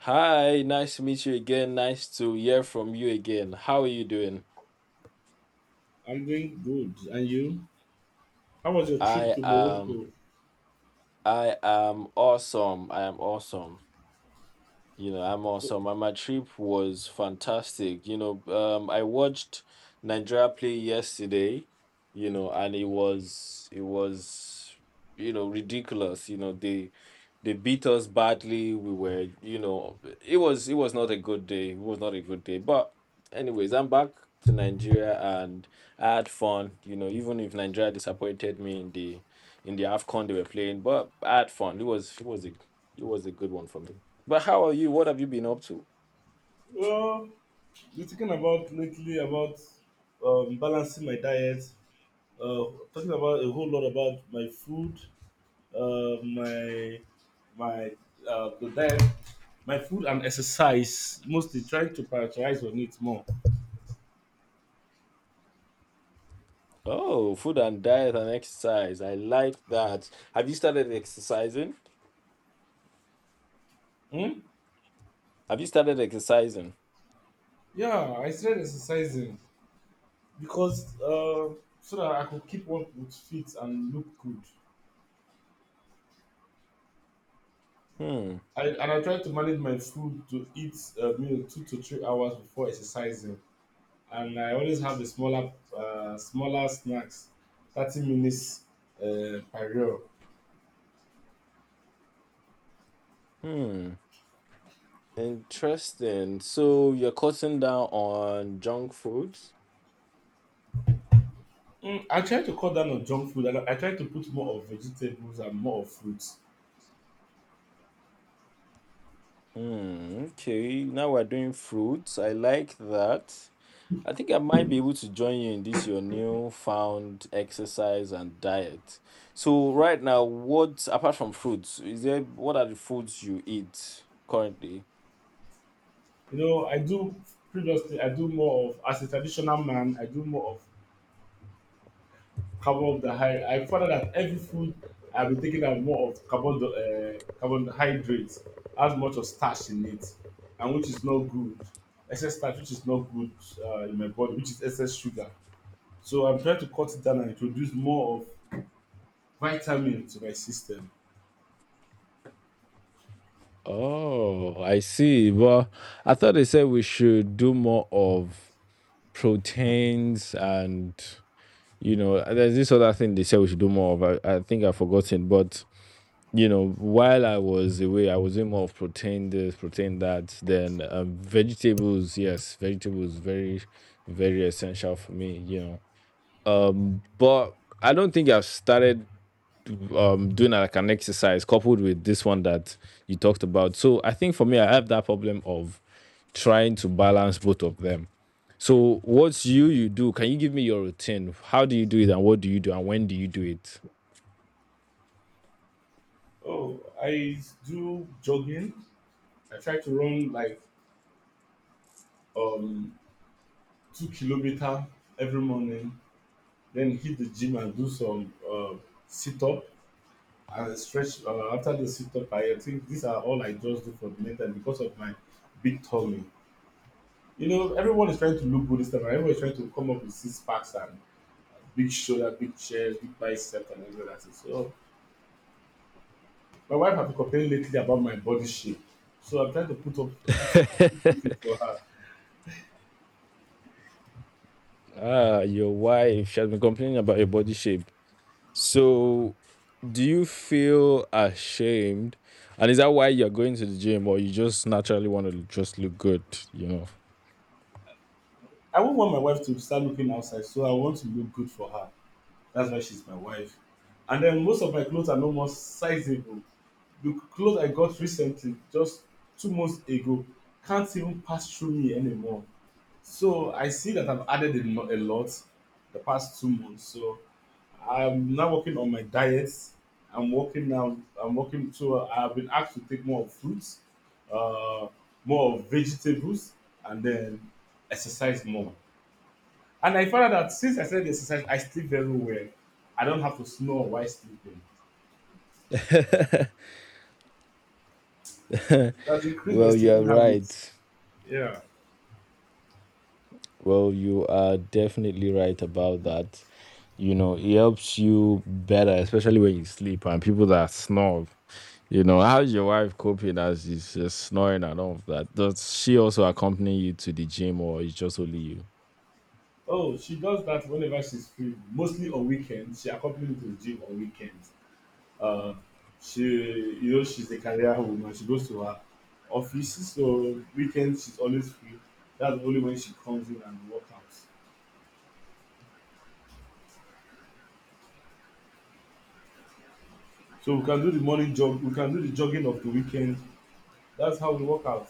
Hi, nice to meet you again. Nice to hear from you again. How are you doing? I'm doing good. And you? How was your trip I to am Morocco? I am awesome. I am awesome. You know, I'm So, awesome. And my trip was fantastic. You know, I watched Nigeria play yesterday, you know, and it was ridiculous. You know, they beat us badly. We were, you know, it was not a good day. It was not a good day. But anyways, I'm back to Nigeria and I had fun, you know, even if Nigeria disappointed me in the AFCON they were playing, but I had fun. It was a good one for me. But how are you? What have you been up to? well, been thinking about lately about balancing my diet, uh, talking about a whole lot about my food, my my the diet, my food and exercise. Mostly trying to prioritize on it more. Oh, food and diet and exercise. I like that. Have you started exercising? Hmm? Have you started exercising? Yeah, I started exercising because so that I could keep up with fit and look good. Hmm. And I try to manage my food to eat a meal 2 to 3 hours before exercising. And I always have the smaller, smaller snacks, 30 minutes per meal. Hmm. Interesting. So you're cutting down on junk foods? I try to cut down on junk food. And I try to put more of vegetables and more of fruits. Hmm. Okay. Now we're doing fruits. I like that. I think I might be able to join you in this your new found exercise and diet. So right now, what apart from fruits, is there what are the foods you eat currently? You know, I do previously, I do more of, as a traditional man, I do more of carbon I found out that every food I've been taking have more of carbon carbohydrates, has much of starch in it, and which is not good. Excess starch, which is not good in my body, which is excess sugar. So I'm trying to cut it down and introduce more of vitamin to my system. Oh, I see. Well, I thought they said we should do more of proteins and you know, there's this other thing they said we should do more of. I think I've forgotten, but you know, while I was away, I was in more of protein this, protein that. Then vegetables, yes, vegetables very, very essential for me. You know, but I don't think I've started doing like an exercise coupled with this one that you talked about. So I think for me, I have that problem of trying to balance both of them. So what's you do? Can you give me your routine? How do you do it, and what do you do, and when do you do it? Oh, I do jogging. I try to run like um 2 kilometer every morning, then hit the gym and do some sit up and stretch after the sit up. I think these are all I just do for the next time because of my big tummy. You know, everyone is trying to look good this time. Everyone is trying to come up with six packs and big shoulder, big chest, big bicep, and everything like that. So my wife has been complaining lately about my body shape. So I'm trying to put, put it for her. Ah, your wife. She has been complaining about your body shape. So, do you feel ashamed? And is that why you're going to the gym or you just naturally want to just look good, you know? I won't want my wife to start looking outside, so I want to look good for her. That's why she's my wife. And then most of my clothes are no more sizable. The clothes I got recently, just 2 months ago, can't even pass through me anymore. So I see that I've added a lot the past 2 months. So I'm now working on my diet. I'm working now. I'm working. So I've been asked to take more of fruits, uh, more of vegetables, and then exercise more. And I found out that since I started exercise, I sleep very well. I don't have to snore while sleeping. It has increased my Well, you are sleeping right. habits. Yeah. Well, you are definitely right about that. You know, it helps you better, especially when you sleep and people that snob. You know, how's your wife coping as she's just snoring and all of that? Does she also accompany you to the gym or is just only you? Oh, she does that whenever she's free, mostly on weekends. She accompanies me to the gym on weekends. Uh, she, you know, she's a career woman. She goes to her office, so weekends she's always free. That's only when she comes in and work out. So we can do the morning jog. We can do the jogging of the weekend. That's how we work out.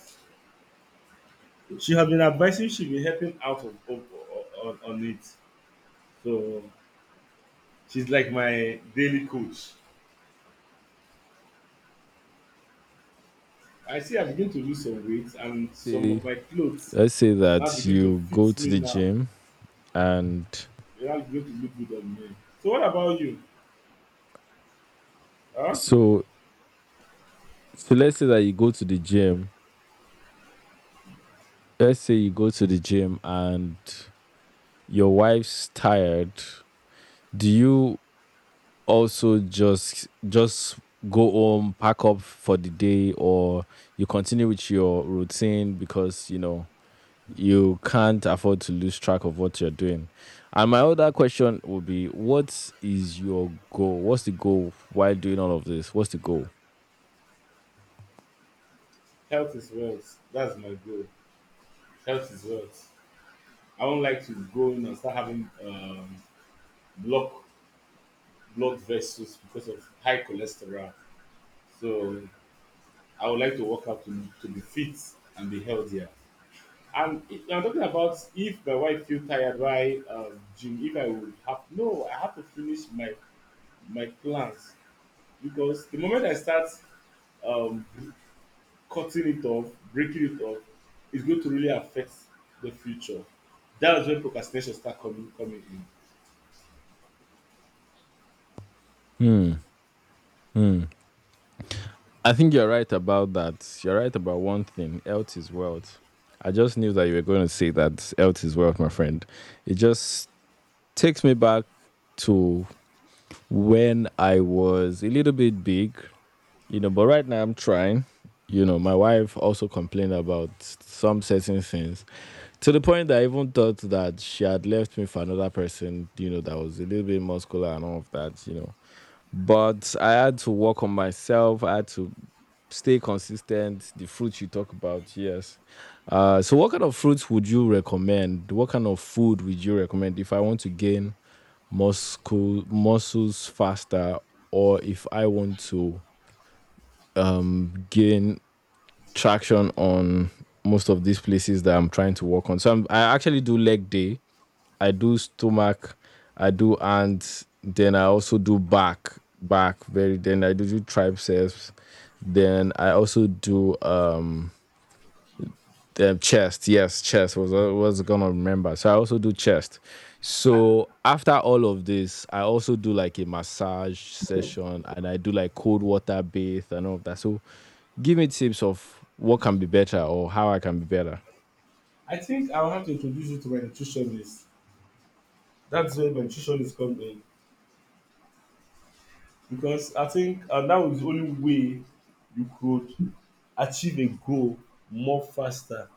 She has been advising, she's been helping out on it, so she's like my daily coach. I see I begin to lose some weight, and some Say- of my clothes Let's say now that begin to you fit go to me the now. gym and They now begin to look good on me. So what about you? Huh? So, so let's say that you go to the gym. Let's say you go to the gym and your wife's tired. Do you also just go home, pack up for the day, or you continue with your routine because you know you can't afford to lose track of what you're doing? And my other question would be, what is your goal? What's the goal while doing all of this? What's the goal? Health is wealth. That's my goal. Health is wealth. I don't like to go in and start having block blood vessels because of high cholesterol. So I would like to work out to be fit and be healthier. And if- I'm talking about if my wife feel tired why gym, if I would have no, I have to finish my my plans, because the moment I start um, cutting it off, breaking it off, it's going to really affect the future. That's when procrastination start coming in. Hmm. Hmm. I think you're right about that. You're right about one thing. Health is wealth. I just knew that you were going to say that health is wealth, my friend. It just takes me back to when I was a little bit big, you know, but right now I'm trying. You know, my wife also complained about some certain things to the point that I even thought that she had left me for another person, you know, that was a little bit muscular and all of that, you know. But I had to work on myself. I had to stay consistent. The fruits you talk about, yes. So, what kind of fruits would you recommend? What kind of food would you recommend if I want to gain muscles faster, or if I want to gain traction on most of these places that I'm trying to work on? So, I actually do leg day. I do stomach, I do hands, then I also do back, back very. Then I do triceps. Then I also do the chest. Yes, chest was gonna remember. So I also do chest. So after all of this, I also do like a massage session and I do like cold water bath and all of that. So give me tips of what can be better or how I can be better. I think I'll have to introduce you to my nutritionist. That's where my nutritionist come in, because I think that was the only way you could achieve a goal more faster.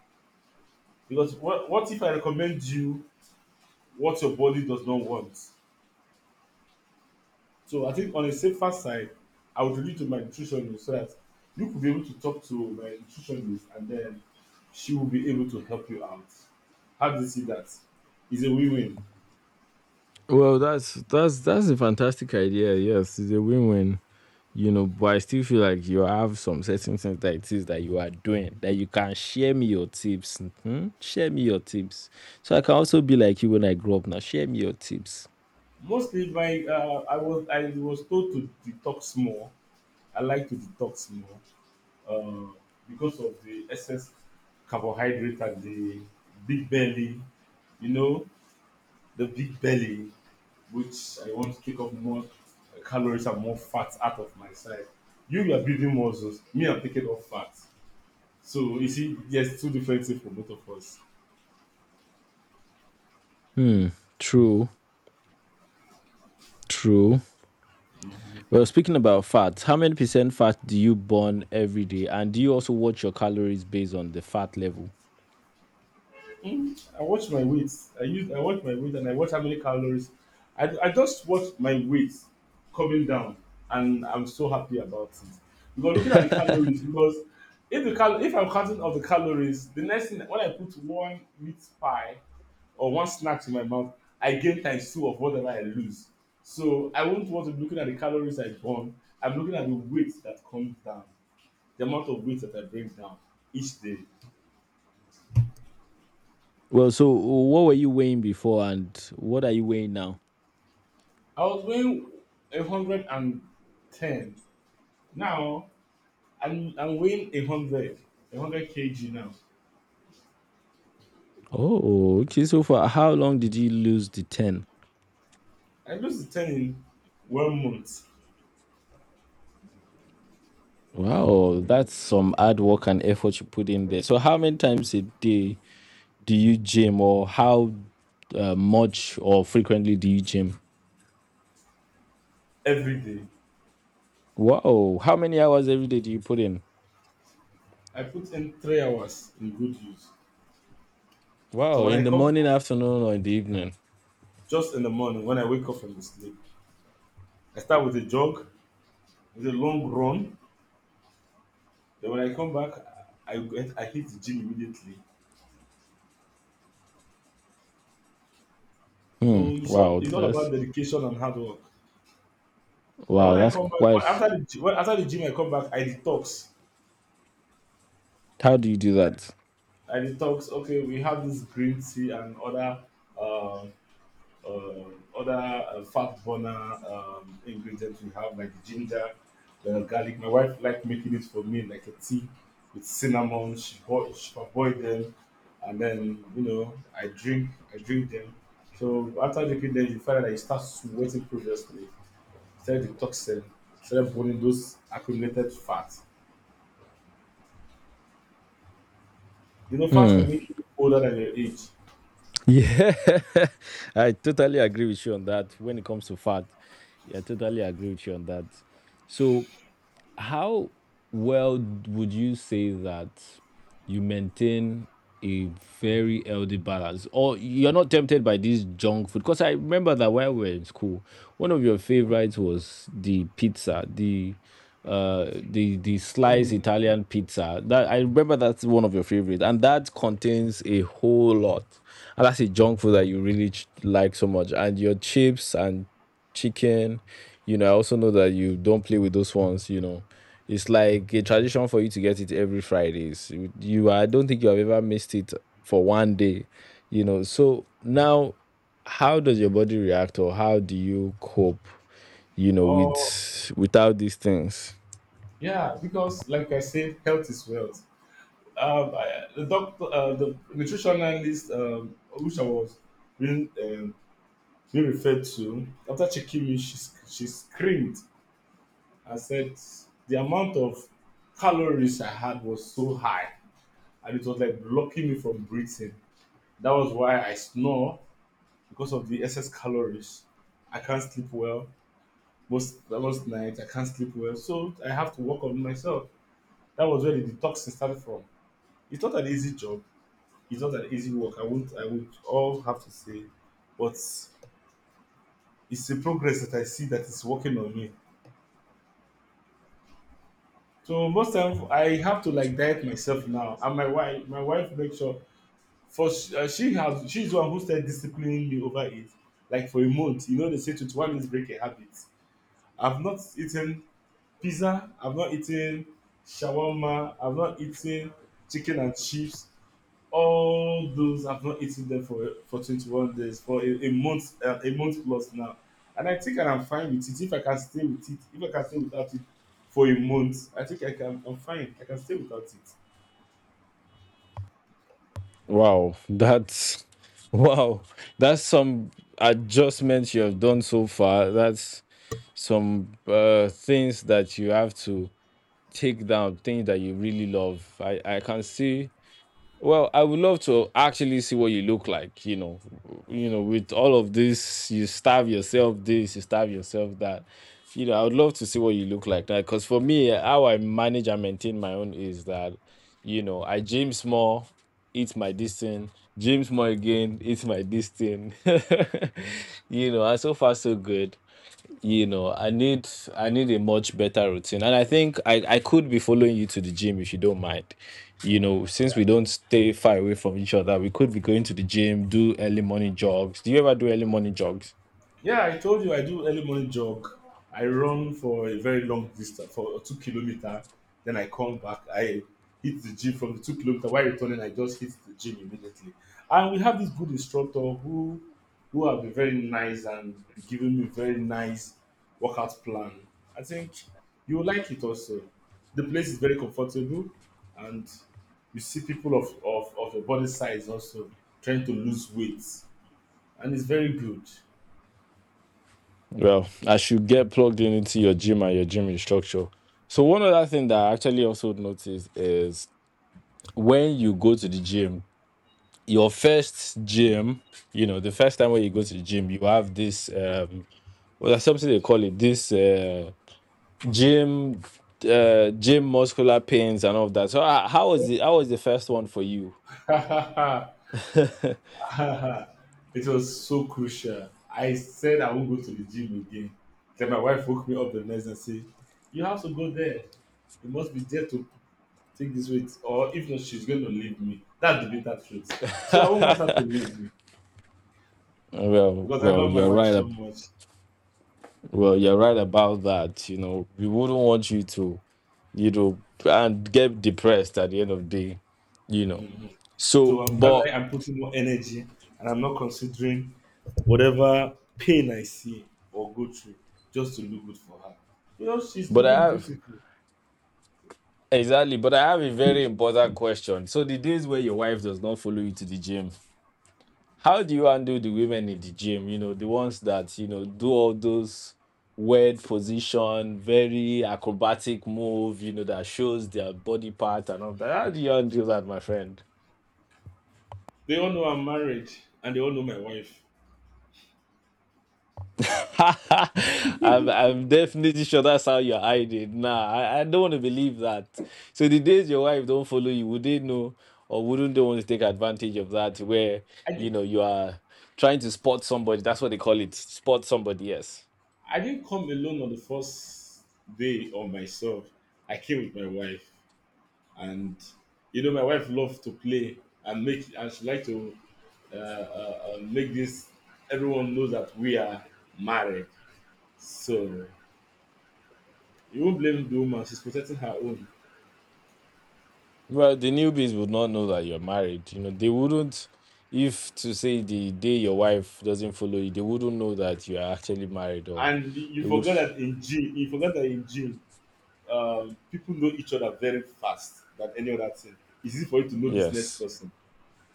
Because what if I recommend you what your body does not want? So I think on a safer side, I would lead to my nutritionist so that you could be able to talk to my nutritionist, and then she will be able to help you out. How do you see that? It's a win-win. Well, that's a fantastic idea. Yes, it's a win-win. You know, but I still feel like you have some certain things that it is that you are doing that you can share me your tips. Mhm. Share me your tips, so I can also be like you when I grow up. Now, share me your tips. Mostly, my I was told to detox more. I like to detox more uh, because of the excess carbohydrate and the big belly, you know, the big belly, which I want to take up more calories and more fat out of my side. You are building muscles. Me, I'm taking off fat. So you see, there's two different things for both of us. True, true. Well, speaking about fat, how many percent fat do you burn every day, and do you also watch your calories based on the fat level? I watch my weight. I watch my weight and I watch how many calories. I just watch my weight coming down, and I'm so happy about it. Because looking at the calories, because if I'm counting of the calories, the next thing when I put one meat pie or one snack in my mouth, I gain times two of whatever I lose. So I won't want to be looking at the calories I burn. I'm looking at the weight that comes down, the amount of weight that I bring down each day. Well, so what were you weighing before, and what are you weighing now? I was weighing 110. Now I'm weighing 100, 100 kg now. Oh, okay. So for how long did you lose the 10? I lose the 10 in one month Wow, that's some hard work and effort you put in there. So how many times a day do you gym or how much or frequently do you gym? every day. Wow, how many hours every day do you put in? I put in 3 hours in good use. So Wow, when I in the come morning, afternoon, or in the evening? just in the morning, when I wake up from the sleep, I start with a jog, with a long run. Then when I come back, I hit the gym immediately. So it's all Wow, it's all about dedication and hard work. Then when I that's come back quite. After the gym, I come back, I detox. How do you do that? Like it talks, okay, we have this green tea and other um uh, fat burner ingredients. We have like ginger, the garlic. My wife like making it for me like a tea with cinnamon. She boil them, and then, you know, I drink them. So after drinking them, you find that you start sweating. Previously started detoxing, started burning those accumulated fats. You know, fats can make you older than your age. Yeah, I totally agree with you on that. When it comes to fat, yeah, I totally agree with you on that. So. How well would you say that you maintain a very healthy balance, or you're not tempted by this junk food? Because I remember that when we were in school, one of your favorites was the pizza, the the sliced Hmm. Italian pizza. That I remember that's one of your favorites, and that contains a whole lot. And that's a junk food that you really like so much, and your chips and chicken. You know, I also know that you don't play with those ones. You know, it's like a tradition for you to get it every Fridays. You I don't think you have ever missed it for one day. You know, so now, how does your body react, or how do you cope? You know, Or with without these things. yeah, because like I said, health is wealth. The doctor, the nutrition analyst, which I was being, um, being referred to, after checking me, she screamed and said the amount of calories I had was so high, and it was like blocking me from breathing. That was why I snore, because of the excess calories. I can't sleep well, most nights. I can't sleep well, so I have to work on myself. That was where the detoxing started from. It's not an easy job. It's not an easy work. I won't. I would all have to say, but it's a progress that I see that is working on me. So most time I have to like diet myself now, and my wife make sure. First, she's the one who started disciplining me over it. Like for a month, you know, they say to one is break a habit. I've not eaten pizza. I've not eaten shawarma. I've not eaten chicken and chips. All those I've not eaten them for 21 days, for a month plus now. And I think I'm fine with it. If I can stay with it, if I can stay without it for a month, I think I can. I'm fine. I can stay without it. Wow, that's wow, that's some adjustments you have done so far. That's some things that you have to take down things that you really love. I can see. Well, I would love to actually see what you look like. You know, with all of this, you starve yourself this, you starve yourself that. You know, I would love to see what you look like that. Because for me, how I manage and maintain my own is that, you know, I gym small, eat my distance, gym small again, eat my distance. You know, and so far so good. You know I need I need a much better routine and I think I could be following you to the gym if you don't mind. You know, since we don't stay far away from each other we could be going to the gym, do early morning jogs. Do you ever do early morning jogs? Yeah, I told you I do early morning jog. I run for a very long distance, for 2 kilometer. Then I come back. I hit the gym from the 2 kilometer. While returning, I just hit the gym immediately. And we have this good instructor who have been very nice and giving me very nice workout plan. I think you will like it also. The place is very comfortable, and you see people of your body size also trying to lose weight, and it's very good. Well, I should get plugged in into your gym and your gym instructor. So one other thing that I actually also noticed is when you go to the gym, your first gym, you know, the first time when you go to the gym you have this well, there's something they call it this. Gym, gym muscular pains and all of that. So how was the first one for you? It was so crucial. I said I won't go to the gym again. Then my wife woke me up the next day and said, you have to go there. You must be there to take this weight. Or if not, she's going to leave me. That's the bitter truth. So I won't want her to leave me, Well, because I love my you're wife right. so much. Well, you're right about that. You know, we wouldn't want you to, you know, and get depressed at the end of the day. You know, Hmm. So so that way, but I'm putting more energy and I'm not considering whatever pain I see or go through, just to look good for her. You know, she's but looking I have beautiful. exactly. But I have a very important question. So the days where your wife does not follow you to the gym, how do you handle the women in the gym? You know, the ones that, you know, do all those weird position, very acrobatic move, you know, that shows their body part and all that. How do you handle that, my friend? They all know I'm married, and they all know my wife. I'm definitely sure that's how you're hiding. Nah, I don't want to believe that. So the days your wife don't follow you, would they know or wouldn't they want to take advantage of that where I, you di- know you are trying to spot somebody? That's what they call it. Spot somebody, yes. I didn't come alone on the first day of myself. I came with my wife. And, you know, my wife loved to play and make, and she liked to make this, everyone knows that we are married. So you won't blame the woman. She's protecting her own. Well, the newbies would not know that you're married. You know, they wouldn't, if to say the day your wife doesn't follow you, they wouldn't know that you are actually married, or And you they would. forgot that in gym, you forgot that in gym, people know each other very fast than any other thing. It's easy for you to know this next Yes. person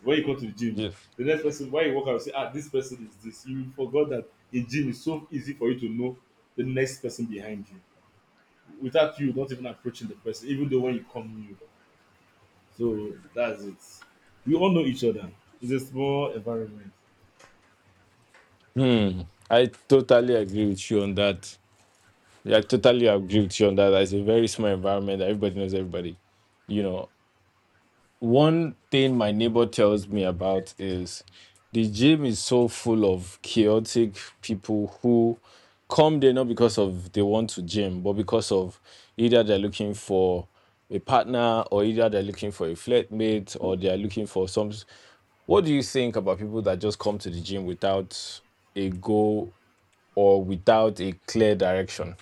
when you come to the gym, Yes. the next person, when you walk out you say, ah, this person is this. You forgot that in gym it's so easy for you to know the next person behind you without you not even approaching the person even though when you come new. So that's it, we all know each other. It's a small environment. Hmm. I totally agree with you on that. Yeah, I totally agree with you on that. It's a very small environment. Everybody knows everybody. You know, one thing my neighbor tells me about is the gym is so full of chaotic people who come there not because of they want to gym, but because of either they're looking for a partner or either they're looking for a flatmate or they're looking for some. What do you think about people that just come to the gym without a goal or without a clear direction?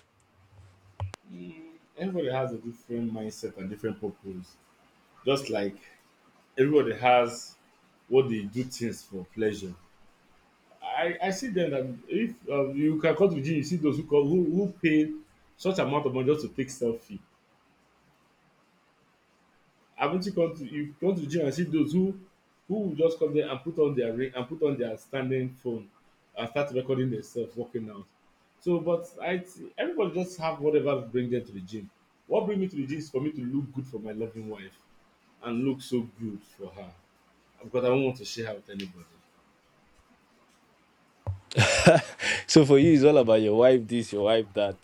mm, Everybody has a different mindset and different purpose. Just like everybody has what they do things for pleasure. I see them that if you can come to the gym, you see those who come, who pay such amount of money just to take selfie. Haven't you come to, you come to the gym and see those who will just come there and put on their ring and put on their standing phone and start recording themselves working out. So, but everybody just have whatever bring them to the gym. What bring me to the gym is for me to look good for my loving wife and look so good for her because I don't want to share her with anybody. So for you, it's all about your wife this, your wife that.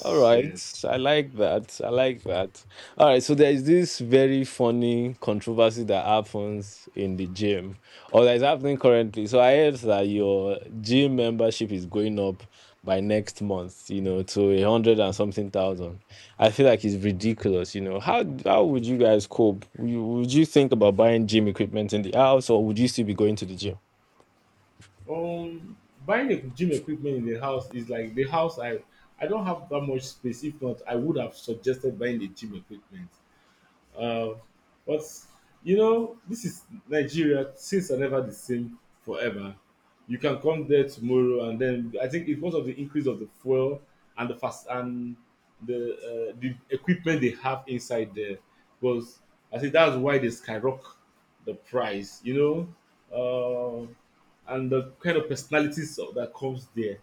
All right, yes. I like that. I like that. All right, so there is this very funny controversy that happens in the gym, or that is happening currently. So I heard that your gym membership is going up by next month. You know, to a hundred and something thousand. I feel like it's ridiculous. You know, how would you guys cope? Would you think about buying gym equipment in the house, or would you still be going to the gym? Um, Buying a gym equipment in the house is like the house, I don't have that much space. If not, I would have suggested buying the gym equipment. Um, but you know, this is Nigeria. Things are never the same forever. You can come there tomorrow, and then I think it's because of the increase of the fuel and the fast and the equipment they have inside there. Because I think that's why they skyrocket the price. You know, and the kind of personalities that comes there.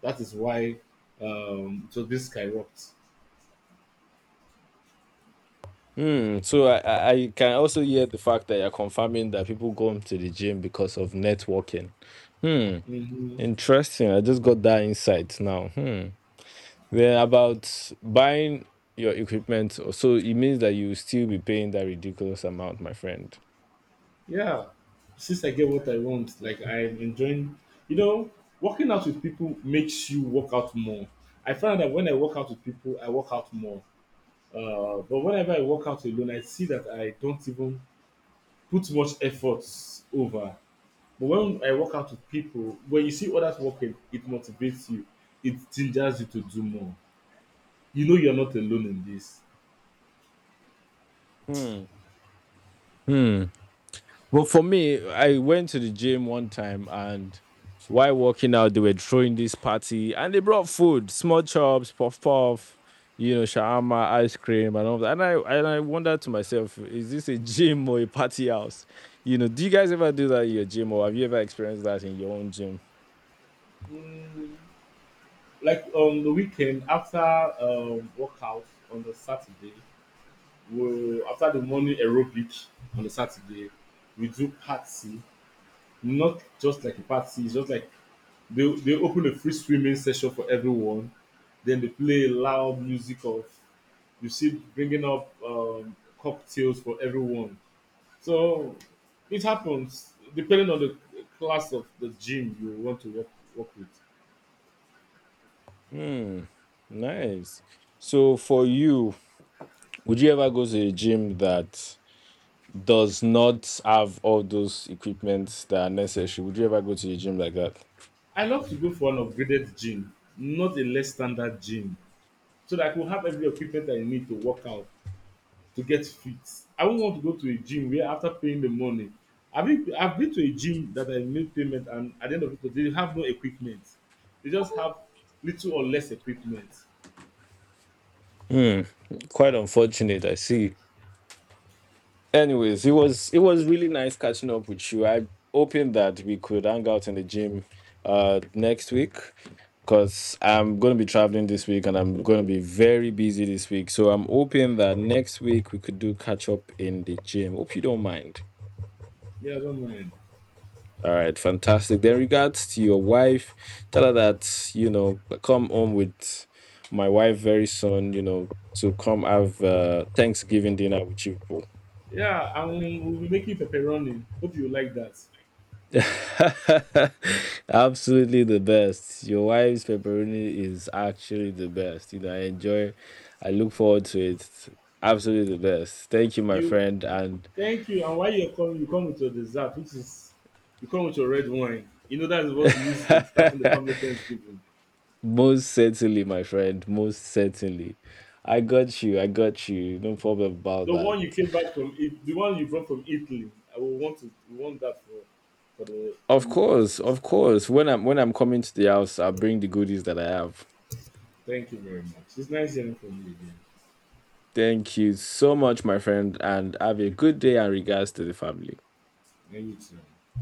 That is why it was being skyrocket. Hmm. So I can also hear the fact that you're confirming that people go to the gym because of networking. Hmm. Hmm. Interesting. I just got that insight now. Hmm. Then about buying your equipment, so it means that you will still be paying that ridiculous amount, my friend. Yeah, since I get what I want, like I'm enjoying, you know, working out with people makes you work out more. I find that when I work out with people, I work out more. But whenever I work out alone, I see that I don't even put much efforts over. But when I work out with people, when you see others working, it motivates you. It gingers you to do more. You know you're not alone in this. Well, for me, I went to the gym one time and while working out, they were throwing this party and they brought food, small chops, puff puff, you know, shawarma, ice cream, and all that. And I wondered to myself, is this a gym or a party house? You know, do you guys ever do that in your gym or have you ever experienced that in your own gym? Mm, like on the weekend after workout on the Saturday, we, after the morning aerobic on the Saturday, we do party. Not just like a party, it's just like they open a free swimming session for everyone. Then they play loud music of, you see, bringing up cocktails for everyone. So it happens depending on the class of the gym you want to work with. Hmm. Nice. So for you, would you ever go to a gym that does not have all those equipment that are necessary? Would you ever go to a gym like that? I love to go for an upgraded gym, not a less standard gym, so that I could have every equipment I need to work out to get fit. I won't want to go to a gym where after paying the money, I've been to a gym that I made payment and at the end of it they have no equipment. They just have little or less equipment. Quite unfortunate, I see. Anyways, it was really nice catching up with you. I'm hoping that we could hang out in the gym next week because I'm gonna be traveling this week and I'm gonna be very busy this week. So I'm hoping that next week we could do catch up in the gym. Hope you don't mind. Yeah, I don't mind. All right, fantastic. Then regards to your wife, tell her that you know I come home with my wife very soon. You know, to come have Thanksgiving dinner with you people. Yeah, and we'll be making pepperoni. Hope you like that. Absolutely the best. Your wife's pepperoni is actually the best. You know, I enjoy, I look forward to it. Absolutely the best. Thank you, my You friend. And thank you. And while you're coming, you come with your dessert, which is, you come with your red wine. You know that is what we use in starting the family Thanksgiving. most certainly, my friend, most certainly. I got you. I got you. No problem about The that. one you came back from, it, the one you brought from Italy. I will want to, we want that for the Of family course, Thanksgiving. of course. When I'm coming to the house, I'll bring the goodies that I have. Thank you very much. It's nice hearing from you again. Thank you so much, my friend, and have a good day and regards to the family. And you too.